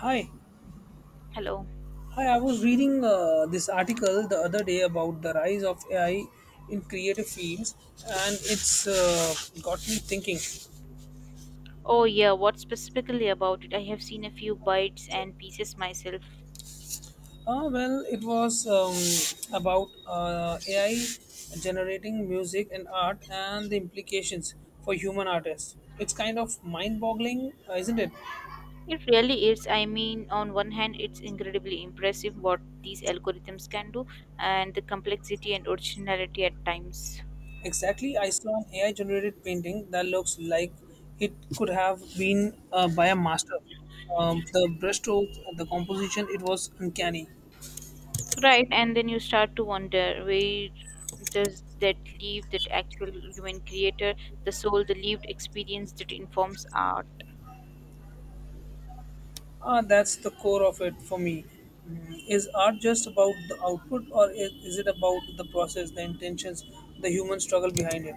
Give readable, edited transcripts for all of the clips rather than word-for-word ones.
Hi, Hello. hi. I was reading this article the other day about the rise of AI in creative fields, and it's got me thinking. Oh, yeah, what specifically about it? I have seen a few bites and pieces myself. Well, it was about AI generating music and art and the implications for human artists. It's kind of mind-boggling, isn't it? It really is. I mean, on one hand, it's incredibly impressive what these algorithms can do, and the complexity and originality at times. Exactly, I saw an AI generated painting that looks like it could have been by a master. The brushstrokes, the composition, it was uncanny. Right, and then you start to wonder, where does that leave that actual human creator, the soul, the lived experience that informs art? Ah, that's the core of it for me. Mm, is art just about the output, or is it about the process, the intentions, the human struggle behind it?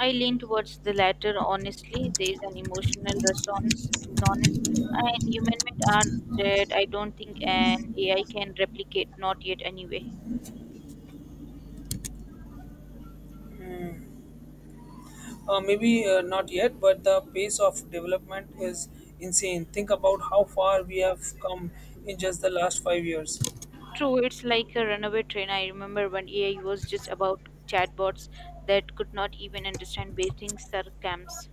I lean towards the latter, honestly. There is an emotional resonance and humanment are that I don't think an AI can replicate, not yet anyway. Maybe not yet, but the pace of development is insane. Think about how far we have come in just the last 5 years. True, it's like a runaway train. I remember when AI was just about chatbots that could not even understand basic sarcasms.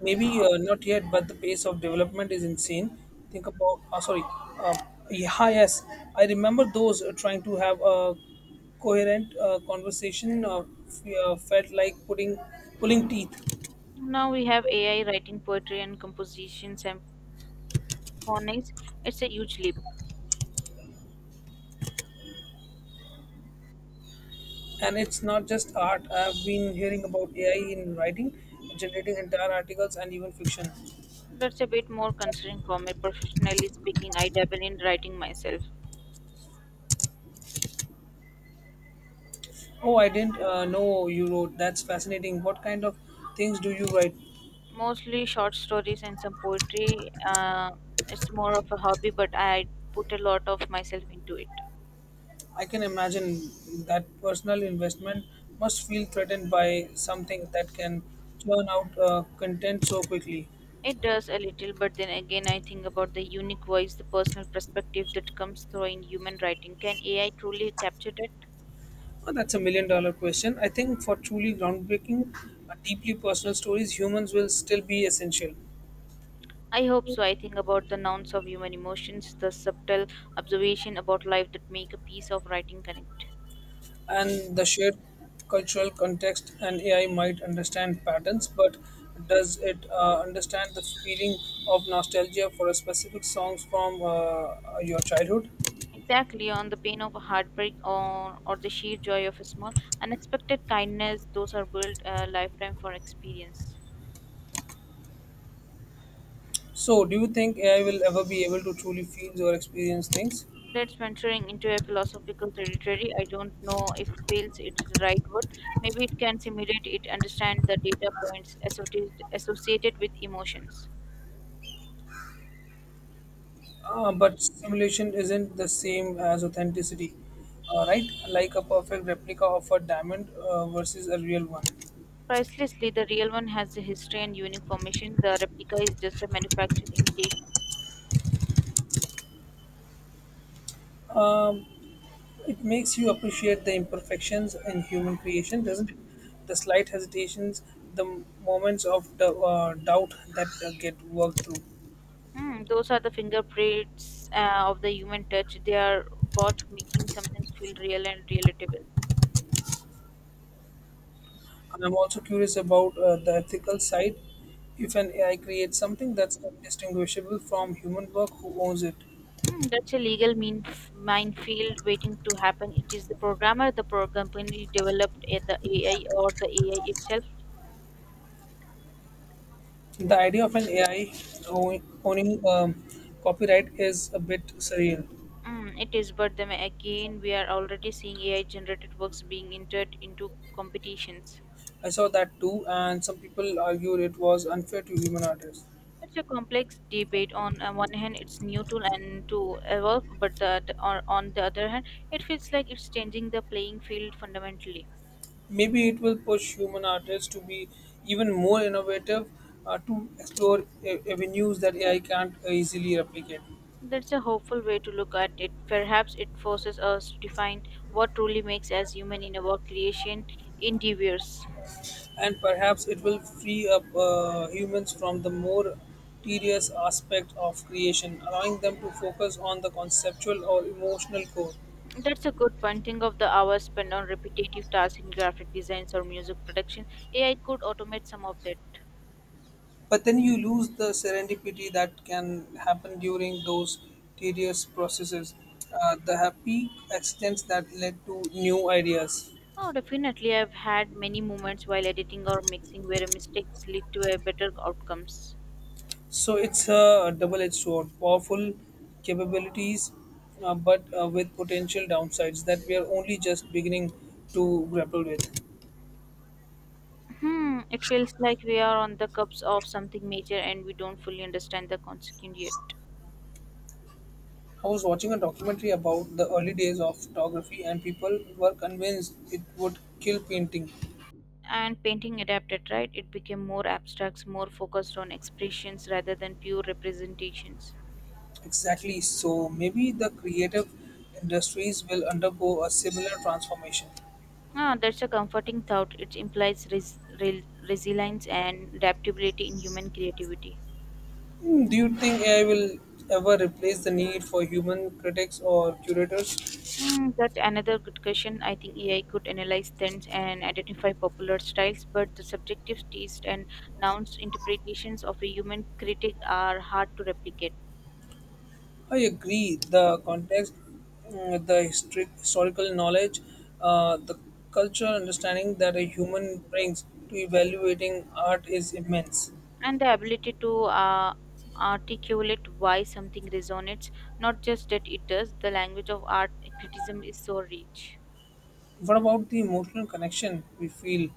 Maybe Uh, not yet, but the pace of development is insane. Think about, oh, sorry, uh, yeah, yes, I remember those trying to have a coherent conversation felt like putting pulling teeth. now we have AI writing poetry and compositions and phonics. It's a huge leap. And it's not just art. I've been hearing about AI in writing, generating entire articles and even fiction. That's a bit more concerning for me. Professionally speaking, I dabble in writing myself. Oh, I didn't know you wrote. That's fascinating. What kind of things do you write? Mostly short stories and some poetry. It's more of a hobby, but I put a lot of myself into it. I can imagine that personal investment must feel threatened by something that can churn out content so quickly. It does a little, but then again, I think about the unique voice, the personal perspective that comes through in human writing. Can AI truly capture that? Well, that's a million dollar question. I think for truly groundbreaking, deeply personal stories, humans will still be essential. I hope so. I think about the nouns of human emotions, the subtle observation about life that make a piece of writing connect. And the shared cultural context and AI might understand patterns, but does it understand the feeling of nostalgia for a specific songs from your childhood? Exactly, on the pain of a heartbreak or the sheer joy of a small unexpected kindness. Those are built a lifetime for experience. So, do you think AI will ever be able to truly feel or experience things? That's venturing into a philosophical territory. I don't know if feels it is the right word. Maybe it can simulate it, understand the data points associated with emotions. But simulation isn't the same as authenticity, right? Like a perfect replica of a diamond versus a real one. Pricelessly, the real one has a history and unique formation. The replica is just a manufactured imitation. It makes you appreciate the imperfections in human creation, doesn't it? The slight hesitations, the moments of doubt that get worked through. Hmm, those are the fingerprints of the human touch. They are what making something feel real and relatable. And I'm also curious about the ethical side. If an AI creates something that's indistinguishable from human work, who owns it? Hmm, that's a legal mean minefield waiting to happen. It is the programmer, the program company developed the AI, or the AI itself. The idea of an AI ow- owning copyright is a bit surreal. Mm, it is, but then again, we are already seeing AI generated works being entered into competitions. I saw that too, and some people argued it was unfair to human artists. It's a complex debate. On one hand, it's new tool and to evolve, but on the other hand, it feels like it's changing the playing field fundamentally. Maybe it will push human artists to be even more innovative, to explore avenues that AI can't easily replicate. That's a hopeful way to look at it. Perhaps it forces us to define what truly makes us human in our creation endeavors. And perhaps it will free up humans from the more tedious aspect of creation, allowing them to focus on the conceptual or emotional core. That's a good point. Think of the hours spent on repetitive tasks in graphic designs or music production. AI could automate some of that. But then you lose the serendipity that can happen during those tedious processes, the happy accidents that led to new ideas. Oh, definitely. I've had many moments while editing or mixing where mistakes lead to a better outcomes. So it's a double-edged sword, powerful capabilities, but with potential downsides that we are only just beginning to grapple with. Hmm, it feels like we are on the cusp of something major and we don't fully understand the consequence yet. I was watching a documentary about the early days of photography, and people were convinced it would kill painting. And painting adapted, right? It became more abstracts, more focused on expressions rather than pure representations. Exactly. So maybe the creative industries will undergo a similar transformation. Ah, that's a comforting thought. It implies resilience and adaptability in human creativity. Hmm, do you think AI will ever replace the need for human critics or curators? Hmm, that's another good question. I think AI could analyze trends and identify popular styles, but the subjective taste and nouns interpretations of a human critic are hard to replicate. I agree. The context, mm, the history, historical knowledge, the cultural understanding that a human brings to evaluating art is immense. And the ability to uh, articulate why something resonates, not just that it does. The language of art criticism is so rich. What about the emotional connection we feel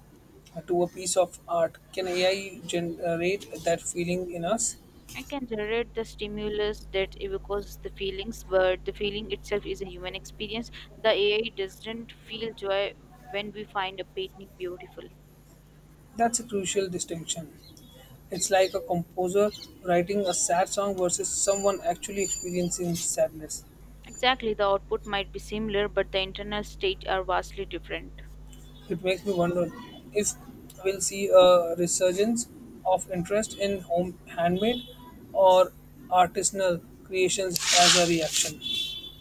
to a piece of art? Can AI generate that feeling in us? I can generate the stimulus that evokes the feelings, but the feeling itself is a human experience. The AI doesn't feel joy when we find a painting beautiful. That's a crucial distinction. It's like a composer writing a sad song versus someone actually experiencing sadness. Exactly, the output might be similar, but the internal states are vastly different. It makes me wonder if we'll see a resurgence of interest in home handmade or artisanal creations as a reaction.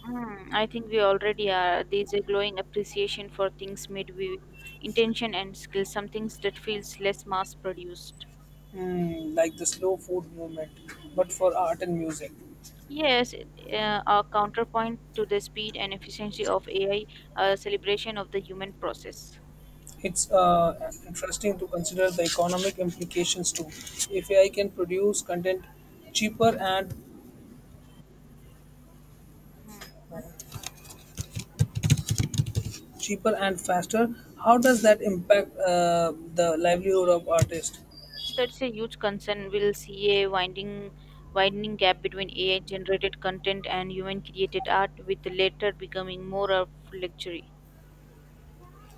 Mm, I think we already are. There's a glowing appreciation for things made with intention and skill, some things that feels less mass produced. Hmm, like the slow food movement, but for art and music. Yes, a counterpoint to the speed and efficiency of AI, a celebration of the human process. It's interesting to consider the economic implications too. If I can produce content cheaper and Hmm. cheaper and faster, how does that impact the livelihood of artists? That's a huge concern. We'll see a widening gap between AI-generated content and human-created art, with the latter becoming more of luxury.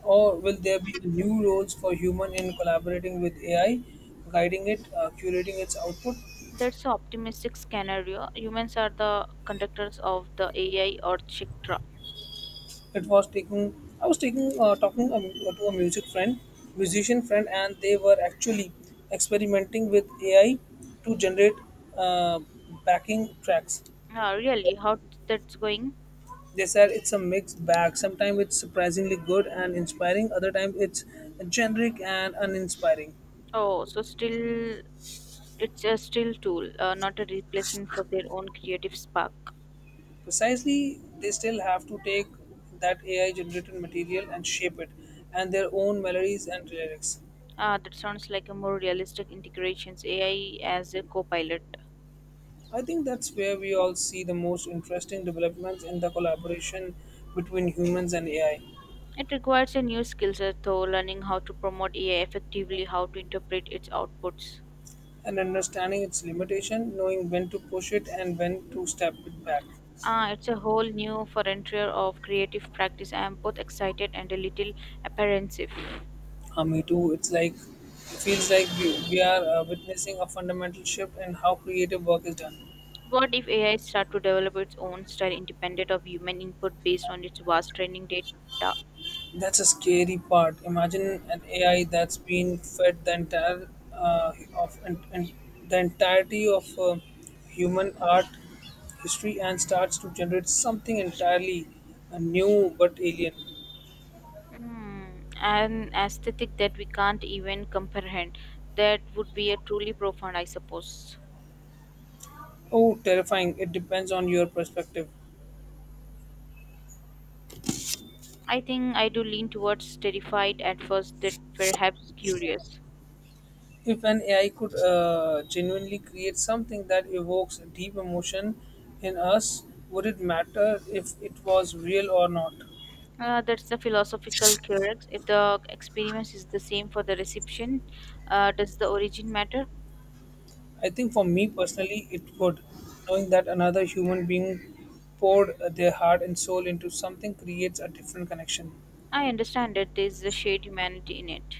Or will there be new roles for human in collaborating with AI, guiding it, curating its output? That's an optimistic scenario. Humans are the conductors of the AI or Chitra. It was taking I was taking talking to a musician friend, and they were actually experimenting with AI to generate uh, backing tracks. Ah, really? How that's going? They said it's a mixed bag. Sometimes it's surprisingly good and inspiring. Other time it's generic and uninspiring. Oh, so still, it's a still tool, not a replacement for their own creative spark. Precisely, they still have to take that AI generated material and shape it and their own melodies and lyrics. Ah, that sounds like a more realistic integrations AI as a co-pilot. I think that's where we all see the most interesting developments in the collaboration between humans and AI It requires a new skill set, though, learning how to promote AI effectively, how to interpret its outputs. and understanding its limitation, knowing when to push it and when to step it back. Ah, it's a whole new frontier of creative practice. I am both excited and a little apprehensive. Me too, it's like it feels like we are witnessing a fundamental shift in how creative work is done. What if AI start to develop its own style independent of human input based on its vast training data? That's a scary part. Imagine an AI that's been fed the entire of and the entirety of human art history and starts to generate something entirely new but alien. Hmm, an aesthetic that we can't even comprehend. That would be a truly profound, I suppose. Oh, terrifying! It depends on your perspective. I think I do lean towards terrified at first, that perhaps curious. If an AI could genuinely create something that evokes deep emotion in us, would it matter if it was real or not? That's the philosophical crux. If the experience is the same for the reception, does the origin matter? I think for me personally, it would. Knowing that another human being poured their heart and soul into something creates a different connection. I understand that there is a shared humanity in it.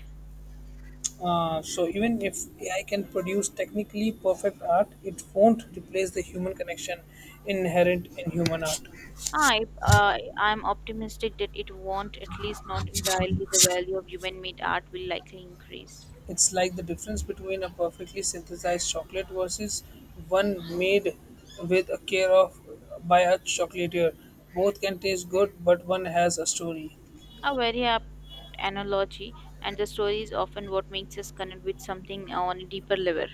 So even if AI can produce technically perfect art, it won't replace the human connection inherent in human art. I'm optimistic that it won't, at least not entirely. The value of human made art will likely increase. It's like the difference between a perfectly synthesized chocolate versus one made with a care of by a chocolatier. Both can taste good, but one has a story. A very apt analogy, and the story is often what makes us connect with something on a deeper level.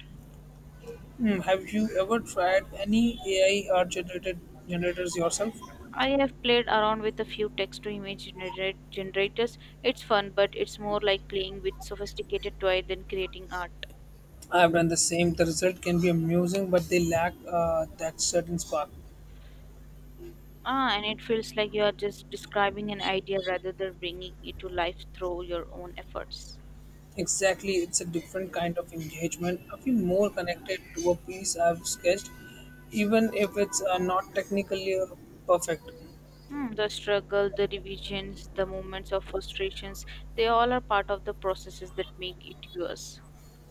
Hmm, have you ever tried any AI art generated generators yourself? I have played around with a few text to image generators. It's fun, but it's more like playing with sophisticated toy than creating art. I have done the same. The result can be amusing, but they lack that certain spark. Ah, and it feels like you are just describing an idea rather than bringing it to life through your own efforts. Exactly, it's a different kind of engagement. I feel more connected to a piece I've sketched, even if it's not technically perfect. Hmm, the struggle, the revisions, the moments of frustrations, they all are part of the processes that make it yours.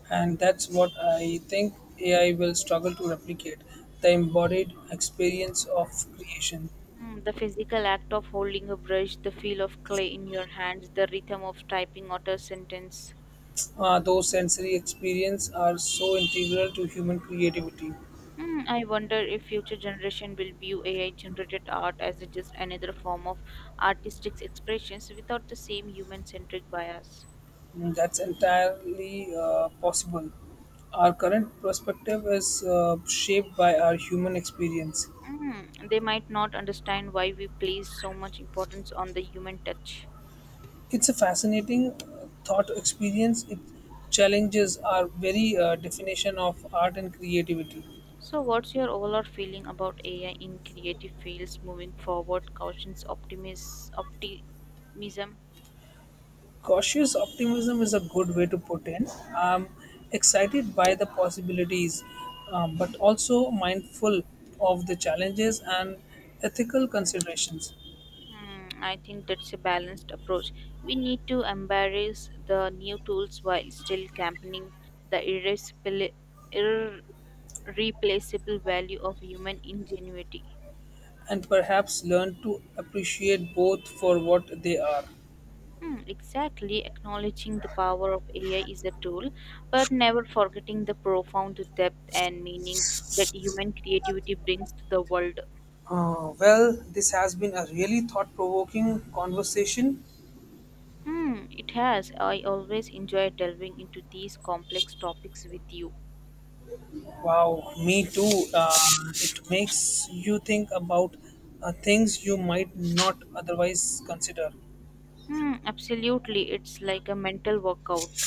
And that's what I think AI will struggle to replicate the embodied experience of creation. Hmm, the physical act of holding a brush, the feel of clay in your hands, the rhythm of typing out a sentence. Those sensory experiences are so integral to human creativity. Hmm, I wonder if future generation will view AI generated art as it just another form of artistic expressions without the same human centric bias. Mm, that's entirely possible. Our current perspective is shaped by our human experience. Hmm, they might not understand why we place so much importance on the human touch. It's a fascinating thought experience. It challenges our very definition of art and creativity. So, what's your overall feeling about AI in creative fields moving forward? Caution's optimism. Cautious optimism is a good way to put in. I'm excited by the possibilities, but also mindful of the challenges and ethical considerations. Hmm, I think that's a balanced approach. We need to embrace the new tools while still championing the irreplaceable value of human ingenuity. And perhaps learn to appreciate both for what they are. Hmm, exactly, acknowledging the power of AI is a tool, but never forgetting the profound depth and meaning that human creativity brings to the world. Well, this has been a really thought provoking conversation. Hmm, it has. I always enjoy delving into these complex topics with you. Wow, me too. It makes you think about things you might not otherwise consider. Hmm, absolutely. It's like a mental workout.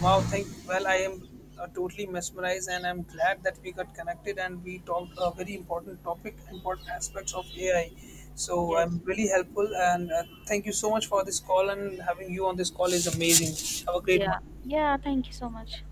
Wow, thank well, I am totally mesmerized, and I'm glad that we got connected and we talked a very important topic, important aspects of AI. So Yes. I'm really helpful, and thank you so much for this call. And having you on this call is amazing. Have a great Yeah. one. Yeah, thank you so much.